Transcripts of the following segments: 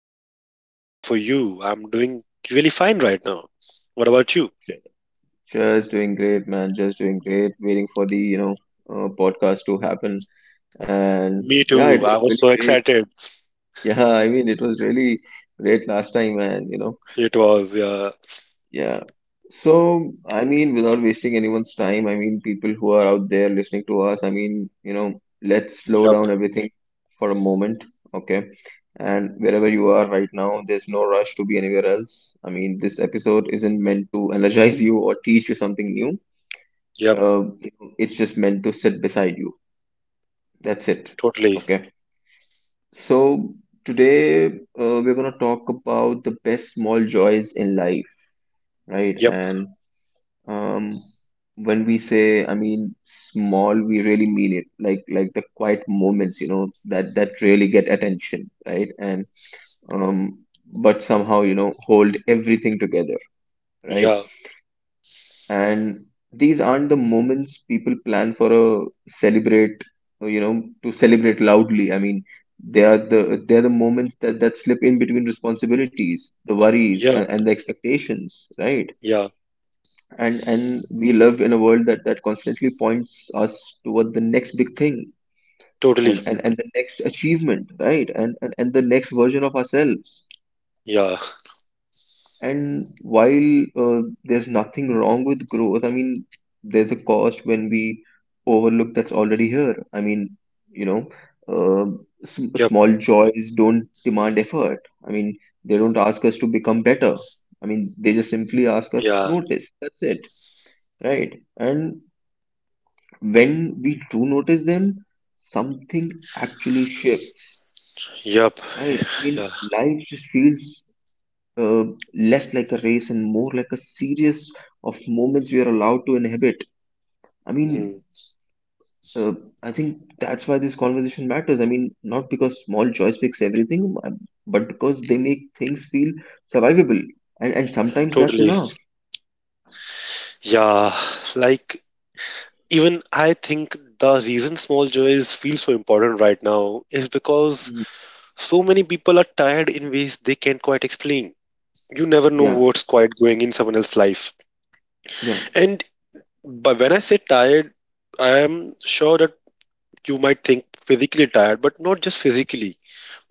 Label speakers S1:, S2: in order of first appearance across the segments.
S1: How are you? How is it for you? I'm doing really fine right now. What about you?
S2: Ju- Just doing great, man. Just doing great. Waiting for the, podcast to happen. And
S1: Me
S2: yeah, it
S1: too.
S2: was
S1: I was
S2: really
S1: so
S2: great.
S1: excited.
S2: Yeah, I mean, it was really great last time, and you know,
S1: It was, yeah.
S2: yeah. So, I mean, without wasting anyone's time, I mean, people who are out there listening to us, I mean, you know, let's slow
S1: Yep.
S2: down everything for a moment, okay? And wherever you are right now, there's no rush to be anywhere else. I mean, this episode isn't meant to energize you or teach you something new.
S1: Yep.
S2: Uh, it's just meant to sit beside you. That's it.
S1: Totally.
S2: Okay. So today we're gonna talk about the best small joys in life, right?
S1: Yep.
S2: And um, when we say, I mean, small, we really mean it. Like the quiet moments, you know, that really get attention, right? And um, but somehow, you know, hold everything together, right.
S1: Yeah.
S2: And these aren't the moments people plan for a celebrate, you know, to celebrate loudly. I mean, they are the moments that slip in between responsibilities, the worries,
S1: Yep.
S2: and the expectations, right.
S1: Yeah.
S2: And we live in a world that constantly points us toward the next big thing,
S1: Totally.
S2: and and the next achievement, right, and the next version of ourselves.
S1: Yeah.
S2: And while there's nothing wrong with growth, I mean, there's a cost when we overlook that's already here. I mean, you know, sm
S1: Yep.
S2: small joys don't demand effort. I mean, they don't ask us to become better. I mean, they just simply ask us
S1: Yeah.
S2: notice. That's it, right? And when we do notice them, something actually shifts.
S1: Yep.
S2: Right? I
S1: Yeah.
S2: mean, life just feels uh, less like a race and more like a series of moments we are allowed to inhabit. I
S1: Mm.
S2: mean, uh, I think that's why this conversation matters. I mean, not because small joys fix everything, but because they make things feel survivable, and sometimes that's
S1: Totally.
S2: enough.
S1: Yeah. Like, even I think the reason small joys feel so important right now is because
S2: Mm,
S1: so many people are tired in ways they can't quite explain. You never know
S2: yeah,
S1: what's quite going in someone else's life.
S2: yeah,
S1: And but when I say tired, I am sure that you might think physically tired, but not just physically,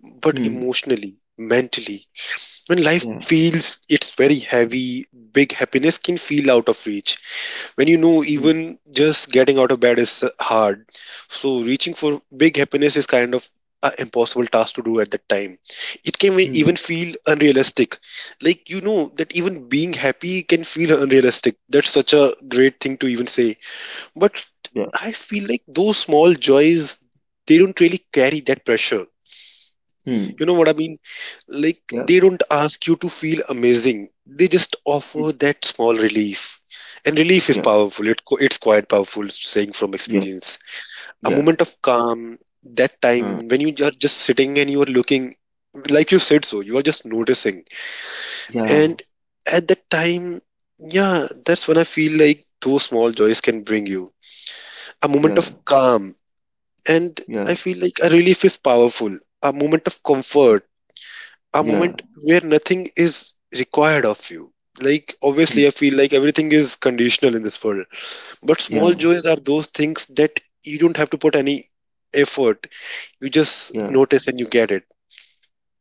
S1: but
S2: hmm,
S1: emotionally, mentally. When life
S2: yeah,
S1: feels it's very heavy, big happiness can feel out of reach when you know
S2: hmm,
S1: even just getting out of bed is hard, so reaching for big happiness is kind of an impossible task to do at that time. It can
S2: hmm,
S1: even feel unrealistic, like you know that even being happy can feel unrealistic. That's such a great thing to even say, but
S2: yeah,
S1: I feel like those small joys, they don't really carry that pressure.
S2: hmm,
S1: You know what I mean? Like, they
S2: yeah,
S1: don't ask you to feel amazing. They just
S2: hmm,
S1: offer that small relief. And relief is
S2: yeah,
S1: powerful. It's quite powerful, saying from
S2: yeah,
S1: experience. A
S2: yeah,
S1: moment of calm, that
S2: uh,
S1: time when you are just sitting and you are looking, like you said so, you are just noticing.
S2: yeah,
S1: And at that time, yeah, that's when I feel like those small joys can bring you. A moment of
S2: yeah,
S1: calm. And I
S2: yeah,
S1: feel like a relief is powerful. A moment of
S2: yeah,
S1: comfort, a
S2: yeah,
S1: moment where nothing is required of you. Like, obviously,
S2: hmm,
S1: I feel like everything is conditional in this world, but small
S2: yeah,
S1: joys are those things that you don't have to put any effort. You just
S2: yeah,
S1: notice and you get it.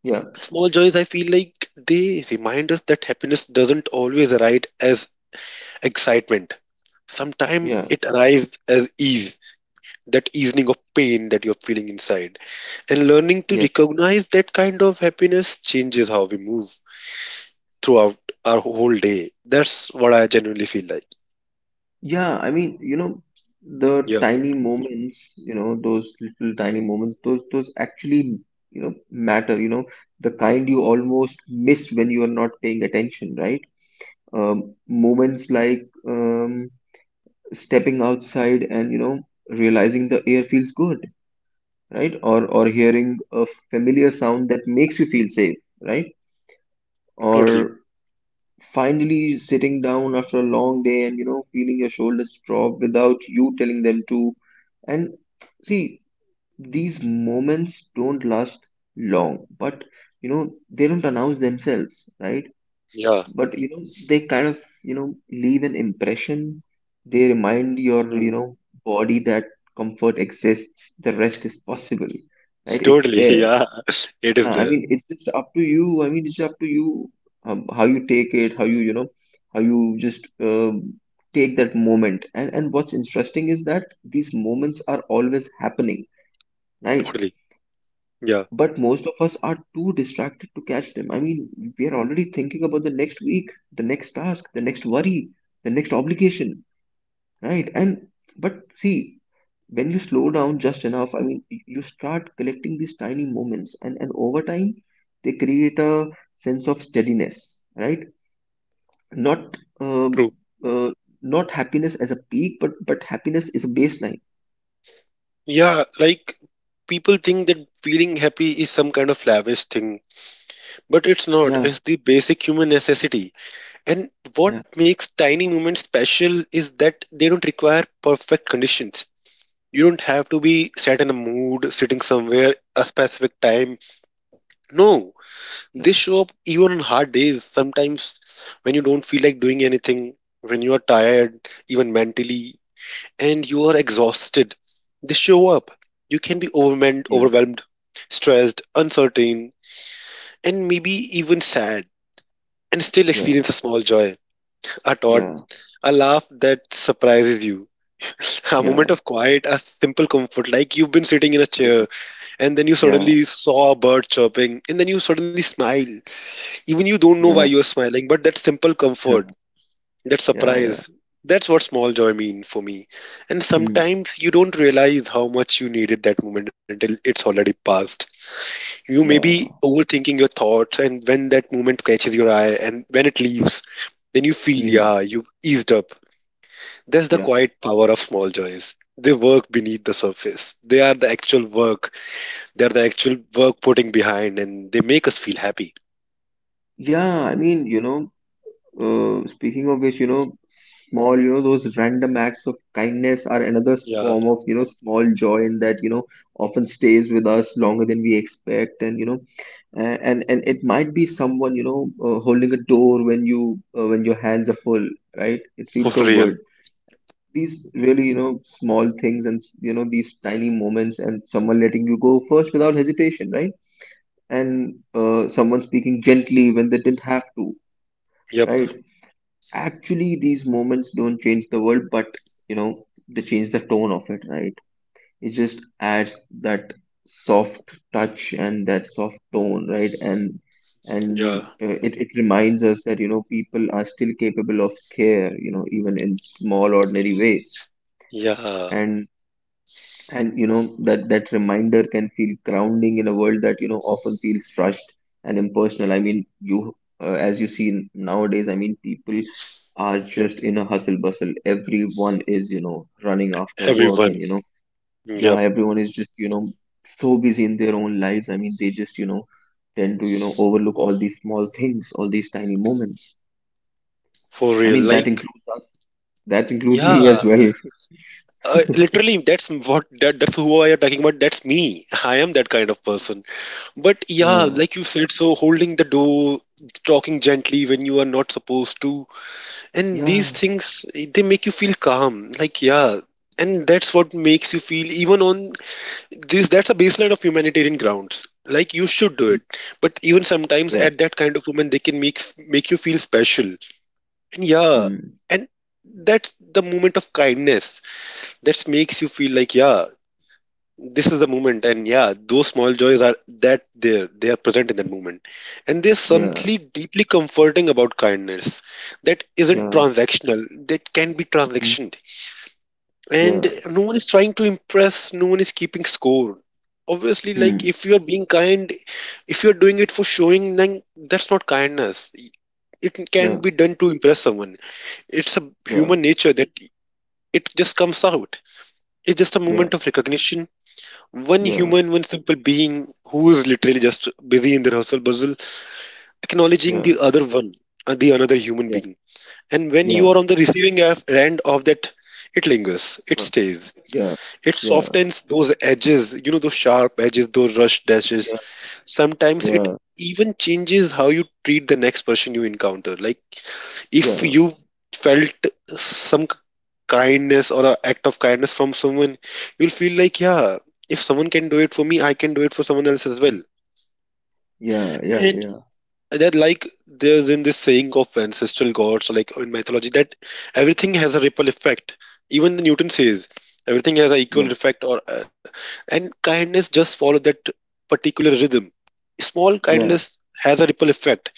S2: yeah,
S1: Small joys, I feel like they remind us that happiness doesn't always arrive as excitement. Sometimes
S2: yeah.
S1: it arrives as ease, that easing of pain that you're feeling inside. And learning to
S2: Yeah.
S1: recognize that kind of happiness changes how we move throughout our whole day. That's what I genuinely feel like.
S2: Yeah, I mean, you know, the
S1: Yeah,
S2: tiny moments, you know, those little tiny moments, those actually, you know, matter, you know, the kind you almost miss when you are not paying attention, right? Moments like stepping outside and, you know, realizing the air feels good, right? Or hearing a familiar sound that makes you feel safe, right?
S1: totally.
S2: Or finally sitting down after a long day, and you know, feeling your shoulders drop without you telling them to. And see, these moments don't last long, but you know, they don't announce themselves, right.
S1: Yeah,
S2: But you know, they kind of, you know, leave an impression. They remind your,
S1: mm,
S2: you know, body that comfort exists, the rest is possible, right, it's
S1: totally.
S2: there.
S1: Yeah, it is
S2: Yeah, I
S1: there.
S2: mean, it's just up to you. I mean, it's up to you, how you take it, how you, you know, how you just take that moment. And what's interesting is that these moments are always happening, right?
S1: Totally. Yeah,
S2: But most of us are too distracted to catch them. I mean, we are already thinking about the next week, the next task, the next worry, the next obligation, right? And but see, when you slow down just enough, I mean, you start collecting these tiny moments, and over time they create a sense of steadiness, right. Not
S1: true.
S2: uh, not happiness as a peak, but happiness is a baseline.
S1: Yeah, like people think that feeling happy is some kind of lavish thing, but it's not.
S2: Yeah,
S1: It's the basic human necessity. And
S2: yeah,
S1: what makes tiny moments special is that they don't require perfect conditions. You don't have to be set in a mood, sitting somewhere a specific time. No, they
S2: yeah,
S1: show up even on hard days, sometimes when you don't feel like doing anything, when you are tired, even mentally, and you are exhausted. They show up. You can be overwhelmed,
S2: yeah,
S1: overwhelmed, stressed, uncertain, and maybe even sad, and still
S2: yeah,
S1: experience a small joy, a thought, a laugh that surprises you. A moment
S2: yeah,
S1: of quiet, a simple comfort, like you've been sitting in a
S2: yeah,
S1: chair and then you
S2: yeah,
S1: suddenly saw a bird chirping and then you suddenly smile. Even you don't know
S2: yeah,
S1: why
S2: yeah,
S1: you're smiling, but that simple comfort,
S2: yeah,
S1: that
S2: yeah, yeah.
S1: surprise, that's what small joy mean for me. And
S2: Hmm,
S1: sometimes you don't realize how much you needed that moment until it's already passed. You may be
S2: yeah,
S1: overthinking your thoughts, and when that moment catches your eye and when it leaves, then you feel,
S2: hmm,
S1: yeah, you've eased up. That's the
S2: yeah,
S1: quiet power of small joys. They work beneath the surface. They are the actual work. They are the actual work putting behind, and they make us feel happy.
S2: yeah. I mean, you know, uh, speaking of which, you know, small, you know, those random acts of kindness are another
S1: Yeah,
S2: form of, you know, small joy in that, you know, often stays with us longer than we expect, and you know, and it might be someone, you know, holding a door when you when your hands are full, right? It
S1: for
S2: feels so good.
S1: real.
S2: These really, you know, small things and you know these tiny moments, and someone letting you go first without hesitation, right? And someone speaking gently when they didn't have to,
S1: Yep.
S2: right? Actually these moments don't change the world, but you know they change the tone of it, right. It just adds that soft touch and that soft tone, right. And
S1: Yeah.
S2: it reminds us that you know people are still capable of care, you know, even in small ordinary ways.
S1: Yeah,
S2: And you know that reminder can feel grounding in a world that you know often feels rushed and impersonal. I mean, you, as you see nowadays, I mean, people are just in a hustle bustle, everyone is, you know, running after work, and
S1: everyone.
S2: you know, yeah,
S1: Yep,
S2: everyone is just, you know, so busy in their own lives. I mean, they just, you know, tend to, you know, overlook all these small things, all these tiny moments.
S1: for
S2: I
S1: real.
S2: mean that
S1: Like,
S2: includes us, that includes me
S1: yeah,
S2: as well.
S1: literally, that's what that's who I am talking about. That's me. I am that kind of person. But yeah,
S2: Yeah,
S1: like you said, so holding the door, talking gently when you are not supposed to, and these
S2: yeah,
S1: things they make you feel calm. Like, yeah, and that's what makes you feel even on this. That's a baseline of humanitarian grounds. Like you should do it, but even sometimes
S2: yeah, mm, yeah,
S1: at that kind of woman, they can make you feel special. Yeah,
S2: mm,
S1: and that's the moment of kindness that makes you feel like, yeah, this is the moment, and yeah, those small joys are that there, they are present in that moment, and there's
S2: yeah,
S1: something deeply comforting about kindness that isn't
S2: yeah,
S1: transactional, that can be
S2: mm,
S1: transactioned, and
S2: yeah,
S1: no one is trying to impress, no one is keeping score. Obviously, like
S2: mm,
S1: if you are being kind, if you are doing it for showing, then that's not kindness. It can
S2: yeah,
S1: be done to impress someone. It's a
S2: yeah,
S1: human nature that it just comes out. It's just a
S2: yeah,
S1: moment of recognition. One
S2: yeah,
S1: human, one simple being who is literally just busy in their hustle bustle, acknowledging
S2: yeah,
S1: the other one, the another human
S2: yeah,
S1: being. And when you
S2: yeah,
S1: are on the receiving end of that, it lingers, it
S2: huh,
S1: stays,
S2: yeah,
S1: it
S2: yeah,
S1: softens those edges, you know, those sharp edges, those rush dashes.
S2: yeah,
S1: Sometimes it
S2: yeah,
S1: even changes how you treat the next person you encounter. Like if
S2: yeah,
S1: you felt some kindness or an act of kindness from someone, you'll feel like, yeah, if someone can do it for me, I can do it for someone else as well.
S2: yeah, yeah,
S1: And
S2: yeah,
S1: that, like, there's in this saying of ancestral gods, like in mythology, that everything has a ripple effect. Even Newton says everything has an equal effect, or and kindness just follow that particular rhythm. Small
S2: yeah, yeah,
S1: kindness has a ripple effect,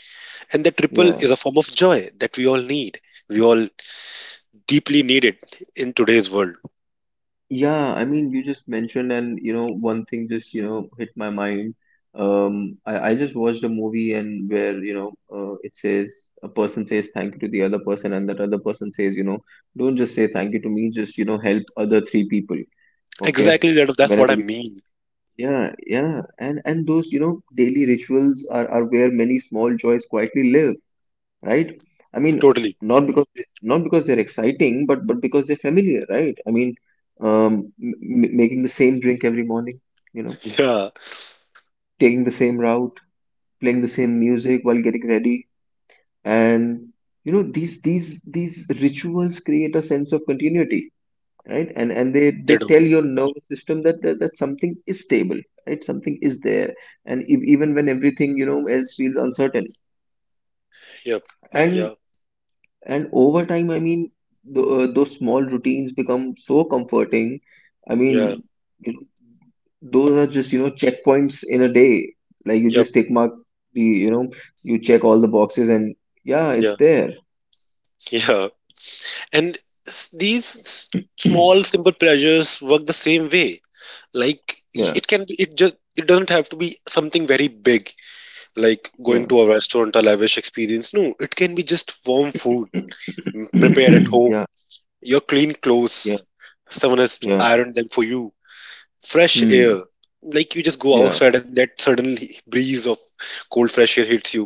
S1: and that ripple
S2: yeah,
S1: is a form of joy that we all need. We all deeply need it in today's world.
S2: yeah. I mean, you just mentioned, and you know, one thing just, you know, hit my mind. I just watched a movie and where, you know, it says a person says thank you to the other person, and that other person says, you know, don't just say thank you to me, just, you know, help other three people. Okay.
S1: Exactly, that's what I
S2: Whenever.
S1: mean.
S2: Yeah, yeah. And those, you know, daily rituals are where many small joys quietly live, right? I mean,
S1: Totally.
S2: not because they're exciting, but because they're familiar, right? I mean, um, m making the same drink every morning, you know,
S1: Yeah,
S2: taking the same route, playing the same music while getting ready, and you know, these these rituals create a sense of continuity, right. And they
S1: they do.
S2: tell your nervous system that something is stable, right, something is there. And if, even when everything you know else feels uncertain,
S1: Yep.
S2: and
S1: Yeah.
S2: over time, I mean, those small routines become so comforting. I
S1: Yeah.
S2: mean, you know, those are just you know checkpoints in a day, like you
S1: Yep.
S2: just tick mark the, you know, you check all the boxes, and yeah, it's
S1: Yeah.
S2: there.
S1: Yeah. And s- these s- small simple pleasures work the same way. Like
S2: Yeah,
S1: it can be, it just, it doesn't have to be something very big, like
S2: yeah.
S1: going to a restaurant, a lavish experience. No, it can be just warm food prepared at home.
S2: Yeah,
S1: Your clean
S2: yeah,
S1: clothes, someone has
S2: yeah,
S1: ironed them for you. Fresh air,
S2: hmm,
S1: like you just go
S2: yeah,
S1: outside and that sudden breeze of cold fresh air hits you.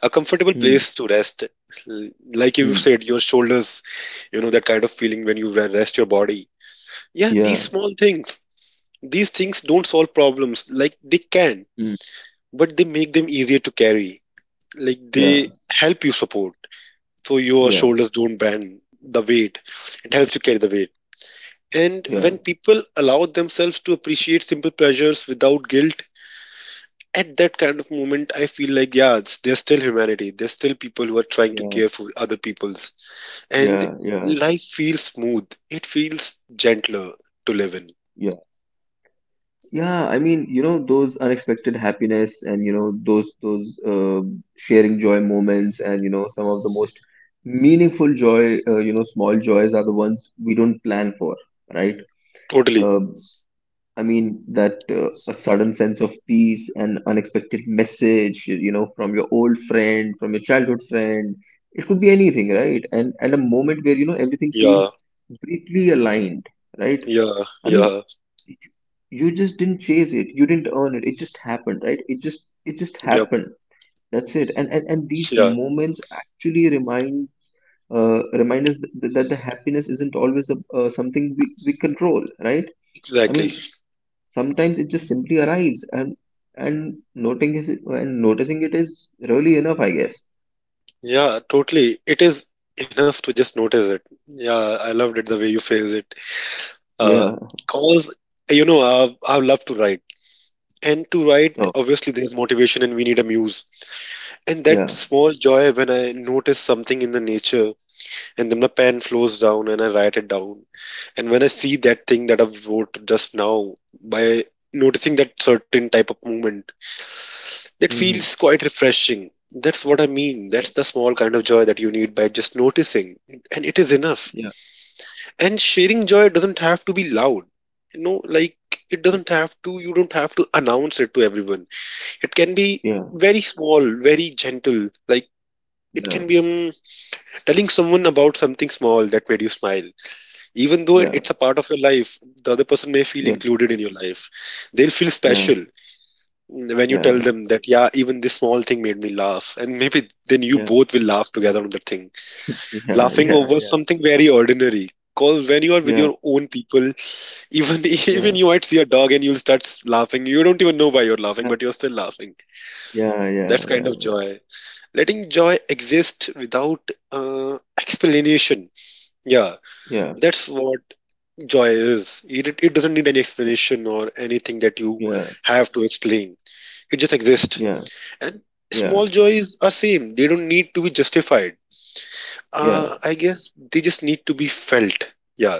S1: A comfortable
S2: hmm,
S1: place to rest. Like you
S2: hmm.
S1: said, your shoulders, you know, that kind of feeling when you rest your body. Yeah, these
S2: Yeah.
S1: small things, these things don't solve problems, like they can,
S2: Mm.
S1: but they make them easier to carry, like they
S2: Yeah,
S1: help you support so your
S2: yeah,
S1: shoulders don't bend the weight. It helps you carry the weight. And
S2: yeah,
S1: when people allow themselves to appreciate simple pleasures without guilt, at that kind of moment I feel like, yeah, it's, there's still humanity, there's still people who are trying to
S2: yeah,
S1: care for other people's, and
S2: yeah, yeah,
S1: life feels smooth, it feels gentler to live in.
S2: yeah. Yeah, I mean, you know, those unexpected happiness and, you know, sharing joy moments and, you know, some of the most meaningful joy, you know, small joys are the ones we don't plan for, right?
S1: Totally.
S2: Uh, I mean, that a sudden sense of peace, an unexpected message, you know, from your old friend, from your childhood friend. It could be anything, right? And a moment where, you know, everything
S1: Yeah,
S2: feels completely aligned, right?
S1: yeah,
S2: I mean,
S1: yeah.
S2: you you just didn't chase it, you didn't earn it. It just happened, right? It just
S1: Yep.
S2: happened. That's it. And and these
S1: Yeah.
S2: moments actually remind us that the happiness isn't always a, something we control, right? I
S1: Exactly.
S2: mean, sometimes it just simply arrives, and and noting is and noticing it is really enough, I guess.
S1: Yeah, totally, it is enough to just notice it. Yeah, I loved it the way you phrase it, uh,
S2: Yeah.
S1: cause you know, I love to write, and to write,
S2: Oh.
S1: obviously there's motivation and we need a muse. And that
S2: Yeah.
S1: small joy when I notice something in the nature, and then my pen flows down and I write it down. And when I see that thing that I wrote just now by noticing that certain type of movement, that
S2: Mm-hmm.
S1: feels quite refreshing. That's what I mean.
S2: Yeah,
S1: That's the small kind of joy that you need, by just noticing. And it is enough.
S2: yeah,
S1: And sharing joy doesn't have to be loud. You know, like it doesn't have to, you don't have to announce it to everyone. It can be
S2: yeah,
S1: very small, very gentle. Like it can be
S2: yeah,
S1: telling someone about something small that made you smile, even though
S2: yeah,
S1: it's a part of your life, the other person may feel
S2: yeah, yeah,
S1: included in your life. They'll feel
S2: yeah,
S1: special when you tell them that, yeah, even this small thing made me laugh. And maybe then you
S2: yeah,
S1: both will laugh together on the thing.
S2: yeah,
S1: Laughing
S2: yeah,
S1: over something very ordinary. Because when you are with
S2: yeah, yeah,
S1: your own people, even even
S2: yeah,
S1: you might see a dog and you'll start laughing. You don't even know why you're laughing, but you're still laughing.
S2: yeah, yeah,
S1: That's kind
S2: yeah,
S1: of
S2: yeah,
S1: joy. Letting joy exist without uh, explanation. Yeah,
S2: yeah,
S1: that's what joy is. It doesn't need any explanation or anything that you
S2: yeah, yeah, yeah,
S1: have to explain. It just exists.
S2: yeah,
S1: And
S2: yeah,
S1: small joys are same. They don't need to be justified.
S2: yeah,
S1: I guess they just need to be felt. Yeah,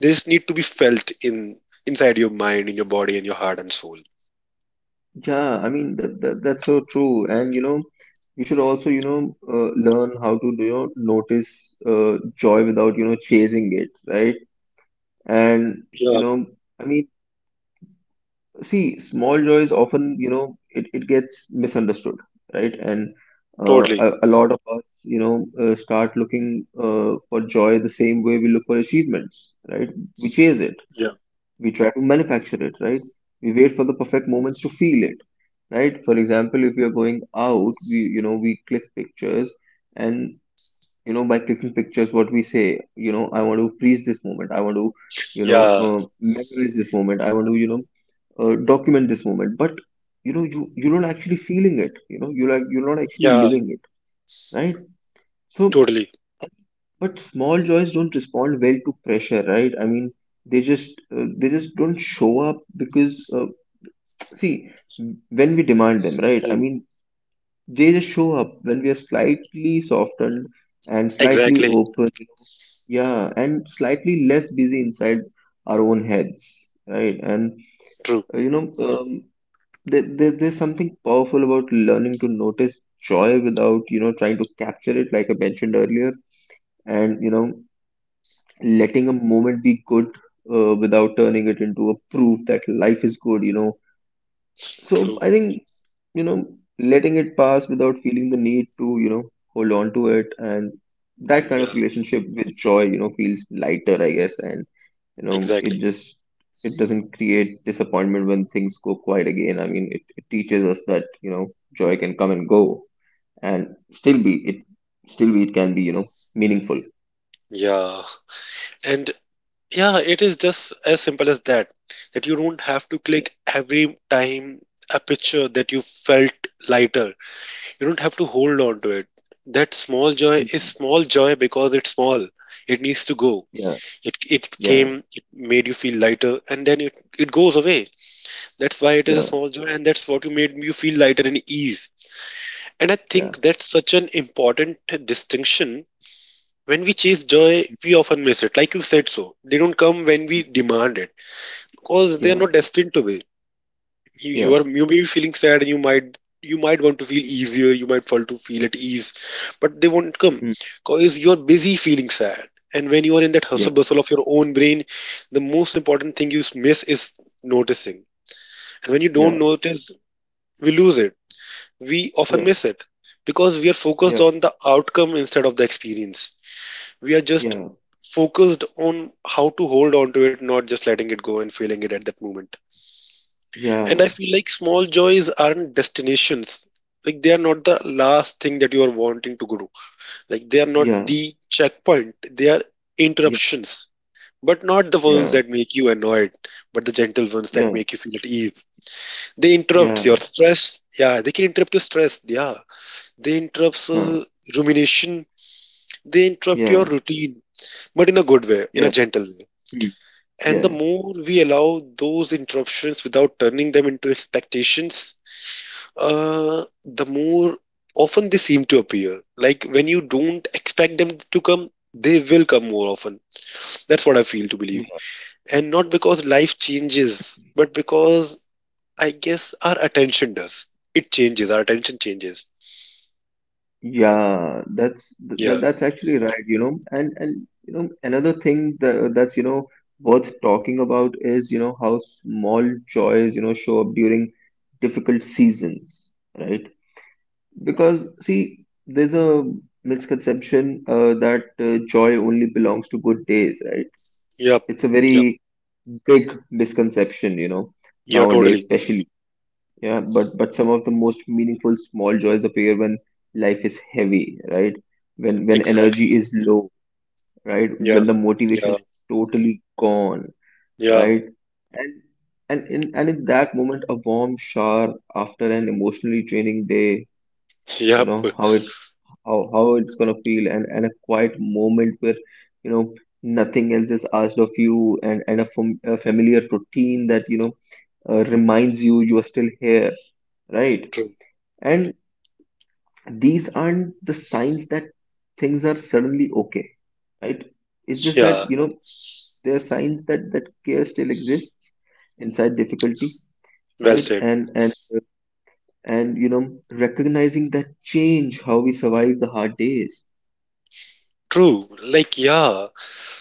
S1: they just need to be felt in inside your mind, in your body, and your heart and soul.
S2: yeah. I mean that that's so true, and you know, we should also, you know, learn how to, you know, notice uh, joy without you know chasing it, right. And, you
S1: Yeah,
S2: know, I mean, see, small joys often, you know, it gets misunderstood, right? And
S1: totally.
S2: a lot of us, you know, start looking for joy the same way we look for achievements, right? We chase it,
S1: Yeah,
S2: we try to manufacture it, right? We wait for the perfect moments to feel it, right? For example, if we are going out, we, you know, we click pictures. And you know by clicking pictures what we say, you know, I want to freeze this moment, I want to, you know,
S1: yeah,
S2: memorize this moment, I want to, you know, document this moment, but you know you you're not actually feeling it, you know, you, like, you're not actually
S1: yeah,
S2: living it, right. So
S1: totally.
S2: but small joys don't respond well to pressure, right. I mean they just don't show up because, see, when we demand them, right. I mean,
S1: Mm.
S2: they just show up when we are slightly softened and slightly
S1: Exactly.
S2: open, you know. Yeah, and slightly less busy inside our own heads, right? And
S1: True.
S2: uh, you know, um, there's something powerful about learning to notice joy without, trying to capture it, like I mentioned earlier, and letting a moment be good without turning it into a proof that life is good. So
S1: True.
S2: I think you know letting it pass without feeling the need to hold on to it, and that kind of
S1: Yeah,
S2: relationship with joy feels lighter, I guess. And you know it
S1: exactly.
S2: just it doesn't create disappointment when things go quiet again. I mean, it teaches us that joy can come and go and still be it can be meaningful.
S1: Yeah. And yeah, it is just as simple as that. That you don't have to
S2: Yeah.
S1: click every time a picture that you felt lighter. You don't have to hold on to it. That small joy is
S2: Mhm.
S1: small joy because it's small. It needs to go.
S2: Yeah.
S1: It
S2: Yeah.
S1: came, it made you feel lighter, and then it goes away. That's why it is a
S2: Yeah.
S1: small joy, and that's what you made you feel lighter and ease. And I
S2: Yeah.
S1: think that's such an important distinction. When we chase joy, we often miss it. Like you said so. They don't come when we
S2: Mm.
S1: demand it because they're
S2: Yeah.
S1: not destined to be. You, you
S2: Yeah.
S1: are you may be feeling sad, and you might want to feel easier. You might fall to feel at ease, but they won't come
S2: Mm.
S1: because you're busy feeling sad. And when you are in that
S2: Yeah.
S1: hustle bustle of your own brain, the most important thing you miss is noticing. And when you
S2: Yeah.
S1: don't notice, we lose it. We often
S2: Yeah.
S1: miss it because we are focused
S2: Yeah.
S1: on the outcome instead of the experience. We are just
S2: Yeah.
S1: focused on how to hold on to it, not just letting it go and feeling it at that moment. And
S2: Yeah.
S1: I feel like small joys aren't destinations. Like they are not the last thing that you are wanting to go to. Like they are not
S2: Yeah.
S1: the checkpoint. They are interruptions. But not the ones
S2: Yeah,
S1: that make you annoyed, but the gentle ones that
S2: yeah,
S1: make you feel at ease. They interrupt your
S2: yeah,
S1: stress. Yeah, they can interrupt your stress. Yeah, they interrupt
S2: huh,
S1: rumination. They interrupt your
S2: yeah,
S1: routine, but in a good way, in
S2: yeah,
S1: a gentle way.
S2: mm,
S1: And the
S2: yeah,
S1: more we allow those interruptions without turning them into expectations, The more often they seem to appear. Like when you don't expect them to come, they will come more often. That's what I feel to believe.
S2: yeah,
S1: And not because life changes, but because I guess our attention does. It changes, our attention changes.
S2: yeah. That's th th-
S1: Yeah,
S2: that's actually right. And another thing that's worth talking about is how small joys show up during difficult seasons, right? Because see, there's a misconception that joy only belongs to good days, right?
S1: yep,
S2: It's a
S1: yep,
S2: very big misconception,
S1: yeah,
S2: nowadays,
S1: totally.
S2: especially. Yeah, but some of the most meaningful small joys appear when life is heavy, right? When energy
S1: Exactly.
S2: is low, right?
S1: Yeah,
S2: When the motivation
S1: yeah,
S2: is totally gone,
S1: yeah,
S2: right? And and in that moment, a warm shower after an emotionally draining day, you
S1: yep,
S2: know how it's gonna feel, and a quiet moment where you know nothing else is asked of you, and a familiar routine that reminds you you are still here, right?
S1: true.
S2: And these aren't the signs that things are suddenly okay, right? It's just
S1: Yeah,
S2: that there are signs that care still exists inside difficulty,
S1: well
S2: right?
S1: said.
S2: And recognizing that change how we survive the hard days.
S1: True. Like, yeah,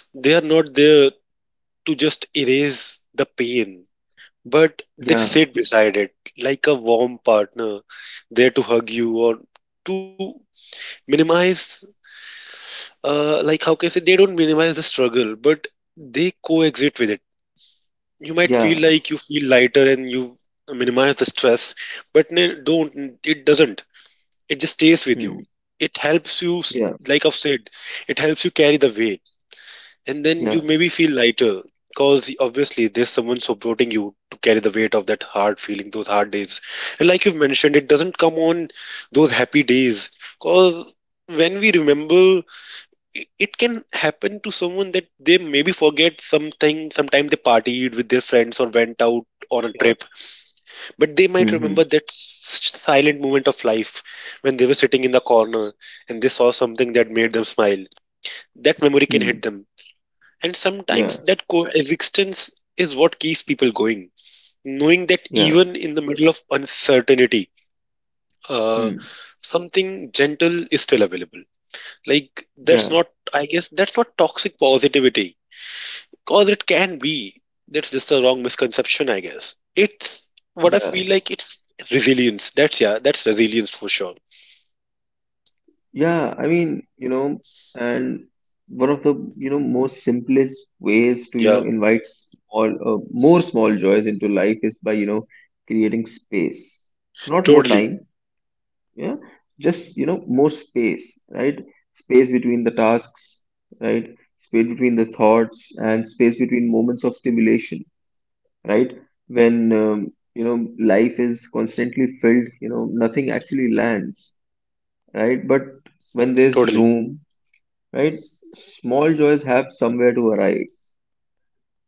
S1: they are not there to just erase the pain. But they
S2: Yeah.
S1: sit beside it like a warm partner, there to hug you or to minimize, like how can I say, they don't minimize the struggle, but they coexist with it. You might
S2: Yeah.
S1: feel like you feel lighter and you minimize the stress, but no, don't, it doesn't. It just stays with you.
S2: Hmm.
S1: It helps you,
S2: Yeah.
S1: like I've said, it helps you carry the weight. And then you
S2: Yeah.
S1: maybe feel lighter because obviously there's someone supporting you to carry the weight of that hard feeling, those hard days. And like you've mentioned, it doesn't come on those happy days because when we remember, it can happen to someone that they maybe forget something. Sometimes they partied with their friends or went out on a trip, but they might
S2: Hmm.
S1: remember
S2: Hmm.
S1: that silent moment of life when they were sitting in the corner and they saw something that made them smile. That memory can hit
S2: Hmm.
S1: them. And sometimes
S2: Yeah.
S1: that coexistence is what keeps people going, knowing that
S2: Yeah.
S1: even in the middle of uncertainty, uh,
S2: Hmm.
S1: something gentle is still available. Like, that's
S2: Yeah.
S1: not, I guess, that's not toxic positivity, because it can be. That's just a wrong misconception, I guess. It's what I feel
S2: Yeah.
S1: like, it's resilience. That's, yeah, that's resilience for sure.
S2: Yeah, I mean, and one of the, most simplest ways to,
S1: Yeah,
S2: invite more small joys into life is by, creating space. Not more
S1: totally,
S2: time, yeah, just, more space, right? Space between the tasks, right? Space between the thoughts and space between moments of stimulation, right? When life is constantly filled, nothing actually lands, right? But when there's
S1: totally.
S2: room, right? Small joys have somewhere to arrive.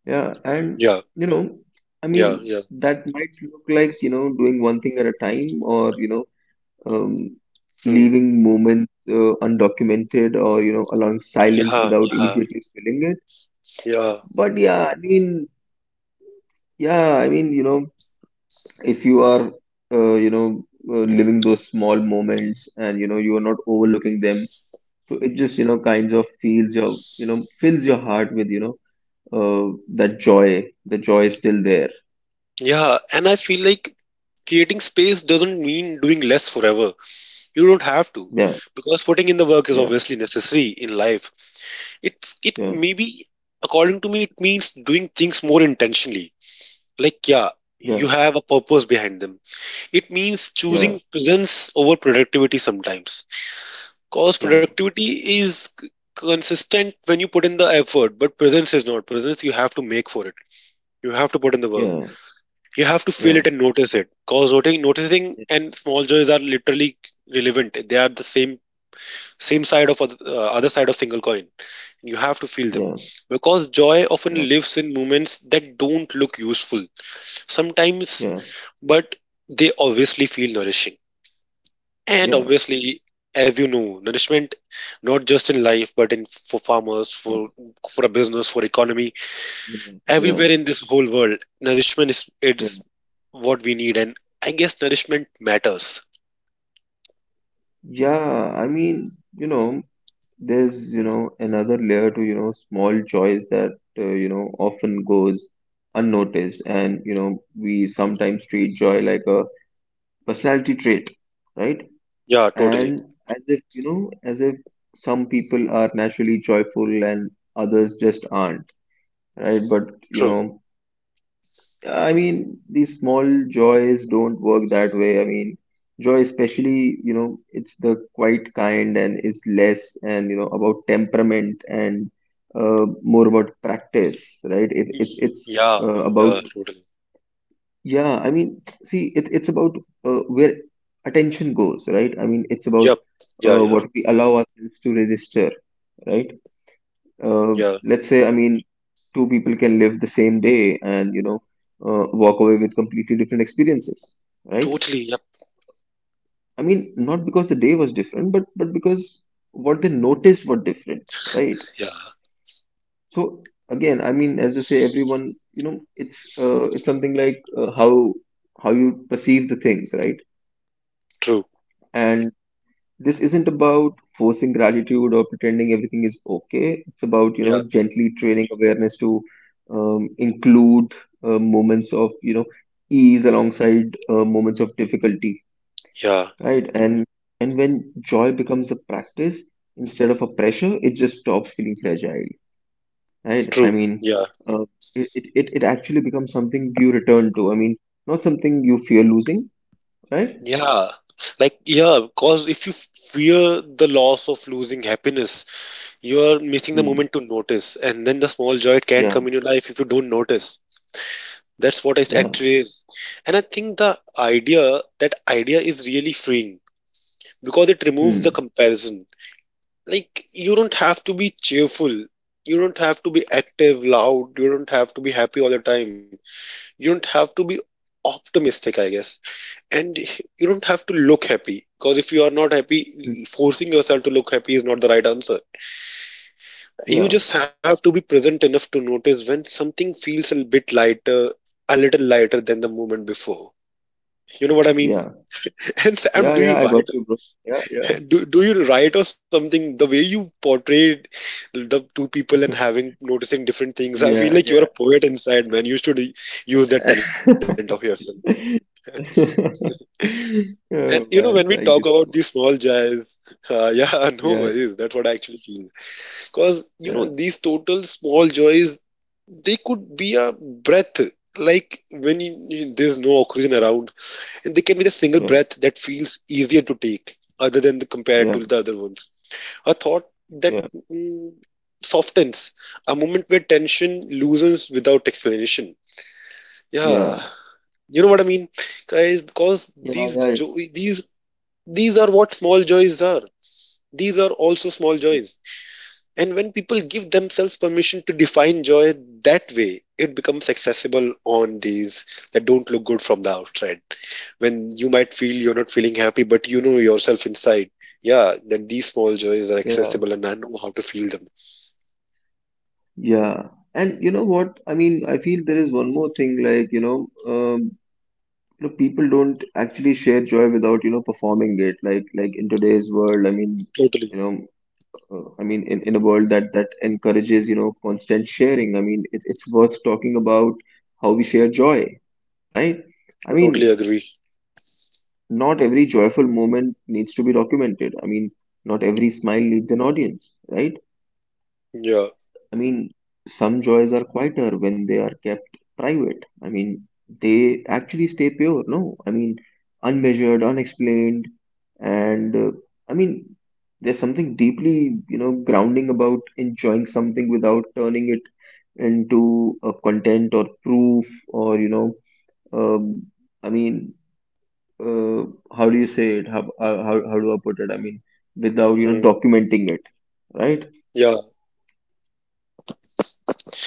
S2: Yeah, and
S1: Yeah,
S2: you know, I
S1: yeah,
S2: mean,
S1: yeah.
S2: that might look like doing one thing at a time, or um,
S1: Hmm.
S2: leaving moments undocumented, or allowing silence
S1: Yeah,
S2: without
S1: yeah,
S2: immediately filling it.
S1: yeah.
S2: But yeah, I mean, yeah, I mean, you know, if you are, living those small moments, and you are not overlooking them, so it just kinds of feels your, you know, fills your heart with uh, that joy, the joy is still there.
S1: Yeah, and I feel like creating space doesn't mean doing less forever. You don't have to,
S2: Yeah,
S1: because putting in the work is
S2: yeah,
S1: obviously necessary in life. It it
S2: yeah,
S1: maybe, according to me, it means doing things more intentionally, like yeah,
S2: yeah,
S1: you have a purpose behind them. It means
S2: yeah,
S1: choosing presence over productivity sometimes, because
S2: yeah,
S1: productivity is c- consistent when you put in the effort, but presence is not. Presence you have to make for it. You have to put in the work.
S2: yeah,
S1: You have to feel
S2: yeah,
S1: it and notice it, because noticing and small joys are literally relevant. They are the same, same side of other, other side of single coin. You have to feel
S2: yeah, yeah,
S1: them,
S2: yeah,
S1: because joy often
S2: yeah, yeah,
S1: lives in moments that don't look useful sometimes. But they obviously feel nourishing. And
S2: yeah,
S1: obviously, as you know, nourishment, not just in life but in, for farmers, for a business, for economy,
S2: yeah,
S1: everywhere in this whole world, nourishment is,
S2: yeah.
S1: it's what we need. And I guess nourishment matters.
S2: Yeah, I mean, there's, another layer to, small joys that, often goes unnoticed. And we sometimes treat joy like a personality trait, right?
S1: Yeah, totally.
S2: And as if some people are naturally joyful and others just aren't, right? But you
S1: True.
S2: know I mean, these small joys don't work that way. I mean, joy especially, it's the quite kind and is less and about temperament and more about practice, right? it,
S1: Y-
S2: it's it's
S1: yeah, yeah,
S2: about,
S1: totally,
S2: yeah, I mean, see, it's about where attention goes, right? I mean, it's about
S1: yep, yeah, yeah,
S2: what we allow ourselves to register, right? Uh,
S1: yeah,
S2: let's say, I mean, two people can live the same day and, walk away with completely different experiences, right?
S1: totally, yep,
S2: I mean, not because the day was different, but because what they noticed were different, right?
S1: yeah,
S2: So again, I mean, as they say, everyone, it's something like how you perceive the things, right?
S1: true,
S2: And this isn't about forcing gratitude or pretending everything is okay. It's about,
S1: yeah,
S2: gently training awareness to include moments of, ease alongside moments of difficulty,
S1: yeah,
S2: right? And when joy becomes a practice instead of a pressure, it just stops feeling fragile, right? I
S1: true,
S2: mean,
S1: yeah,
S2: uh, it actually becomes something you return to. I mean, not something you fear losing, right?
S1: yeah. Like, yeah, because if you fear the loss of losing happiness, you are missing the
S2: Hmm.
S1: moment to notice, and then the small joy, it can
S2: Yeah.
S1: come in your life if you don't notice. That's what it
S2: Yeah.
S1: actually is. And I think the idea, that idea is really freeing because it removes the
S2: Hmm.
S1: comparison. Like, you don't have to be cheerful. You don't have to be active, loud. You don't have to be happy all the time. You don't have to be optimistic, I guess. And you don't have to look happy because if you are not
S2: Hmm.
S1: happy, forcing yourself to look happy is not the right answer. You
S2: Yeah.
S1: just have to be present enough to notice when something feels a bit lighter, a little lighter than the moment before. You know what I mean?
S2: Yeah.
S1: And Sam,
S2: Yeah,
S1: do
S2: yeah,
S1: you
S2: I
S1: write?
S2: got you, bro. Yeah, yeah,
S1: Do you write or something? The way you portrayed the two people and having noticing different things, I feel
S2: yeah,
S1: like you're
S2: yeah.
S1: a poet inside, man. You should use that talent of yourself. And you know,
S2: Oh
S1: when we
S2: man,
S1: talk
S2: thank you
S1: about
S2: so
S1: these
S2: much.
S1: small joys, yeah, no
S2: Yeah,
S1: worries. That's what I actually feel. Because you
S2: yeah,
S1: know,
S2: yeah,
S1: these total small joys, they could be a breath. Like when you, there's no oxygen around, and they can be the single
S2: yeah,
S1: breath that feels easier to take, other than the compared
S2: yeah,
S1: to the other ones. A thought that
S2: yeah,
S1: mm, softens, a moment where tension loosens without explanation. Yeah,
S2: yeah,
S1: you know what I mean, guys. Because
S2: yeah,
S1: these
S2: yeah,
S1: jo- these are what small joys are. These are also small
S2: yeah,
S1: joys, and when people give themselves permission to define joy that way, it becomes accessible on days that don't look good from the outside. When you might feel you're not feeling happy, but you know yourself inside, yeah, that these small joys are
S2: yeah.
S1: accessible and I know how to feel them.
S2: Yeah. And you know what? I mean, I feel there is one more thing, like, people don't actually share joy without, performing it. Like, in today's world, I mean,
S1: Totally.
S2: you know, in, a world that encourages, constant sharing, I mean, it's worth talking about how we share joy, right? I
S1: I
S2: mean,
S1: totally agree.
S2: not every joyful moment needs to be documented. I mean, not every smile needs an audience, right?
S1: Yeah.
S2: I mean, some joys are quieter when they are kept private. I mean, they actually stay pure, no? I mean, unmeasured, unexplained, and I mean, there's something deeply, grounding about enjoying something without turning it into a content or proof or, um, I mean, uh, how do you say it? How do I put it? I mean, without,
S1: Mm.
S2: documenting it, right?
S1: Yeah.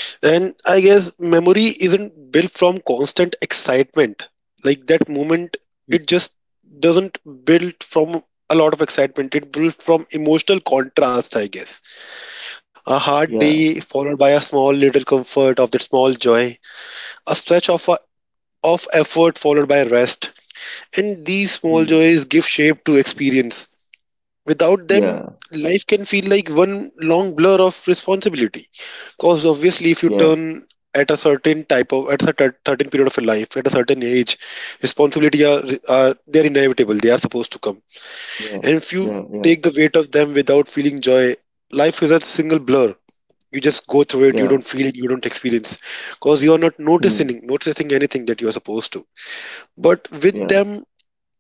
S1: And I guess memory isn't built from constant excitement. Like that moment,
S2: Mm.
S1: it just doesn't build from a lot of excitement. It built from emotional contrast, I guess. A hard
S2: Yeah.
S1: day followed by a small little comfort of that small joy. A stretch of effort followed by rest. And these small
S2: Mm.
S1: joys give shape to experience. Without them,
S2: Yeah.
S1: life can feel like one long blur of responsibility, because obviously if you
S2: Yeah.
S1: turn at a certain type of, at a certain period of your life, at a certain age, responsibility are, they're inevitable. They are supposed to come.
S2: Yeah,
S1: And if you
S2: yeah, yeah,
S1: take the weight of them without feeling joy, life is a single blur. You just go through it, you
S2: yeah,
S1: don't feel it, you don't experience, because you are not
S2: mm,
S1: noticing anything that you are supposed to. But with
S2: yeah,
S1: them,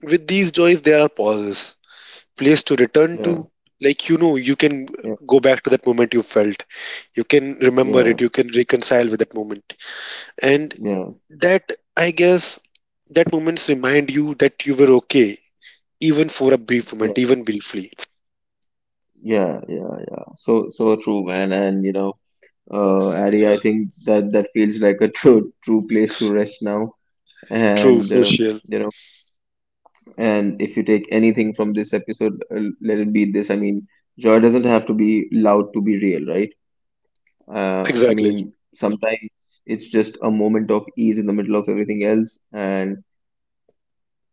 S1: with these joys, there are pauses, place to return to.
S2: yeah,
S1: Like you know, you can
S2: yeah,
S1: go back to that moment you felt, you can remember
S2: yeah,
S1: it, you can reconcile with that moment. And
S2: yeah,
S1: that, I guess, that moments remind you that you were okay, even for a brief
S2: yeah,
S1: moment, even briefly.
S2: yeah, yeah, yeah. So, so true, man. And Addy,
S1: Yeah,
S2: I think that feels like a true, true place to rest now.
S1: true
S2: And
S1: for
S2: uh,
S1: sure.
S2: you know, and if you take anything from this episode, let it be this. I mean, joy doesn't have to be loud to be real, right? I
S1: Exactly.
S2: mean, sometimes it's just a moment of ease in the middle of everything else, and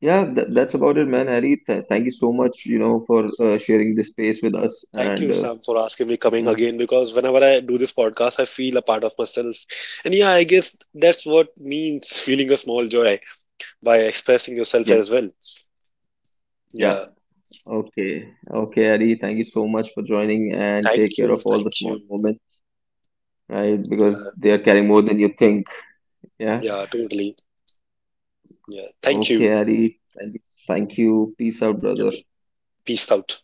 S2: yeah, that's
S1: Yeah.
S2: about it, man. Harry, th thank you so much, for sharing this space with us.
S1: Thank
S2: And
S1: you,
S2: uh,
S1: Sam, for asking me coming
S2: mm,
S1: again, because whenever I do this podcast, I feel a part of myself. And yeah, I guess that's what means feeling a small joy, by expressing yourself
S2: yeah,
S1: as well.
S2: yeah.
S1: Yeah.
S2: Okay. Okay, Harry, thank you so much for joining and take
S1: Thank
S2: care of
S1: you.
S2: all the
S1: Thank you.
S2: small moments, right? Because
S1: Yeah.
S2: they are carrying more than you think. Yeah.
S1: Yeah. Totally. Yeah. Thank you.
S2: Okay, Harry. Thank you. Thank you. Peace out,
S1: Yeah.
S2: brother.
S1: Peace out.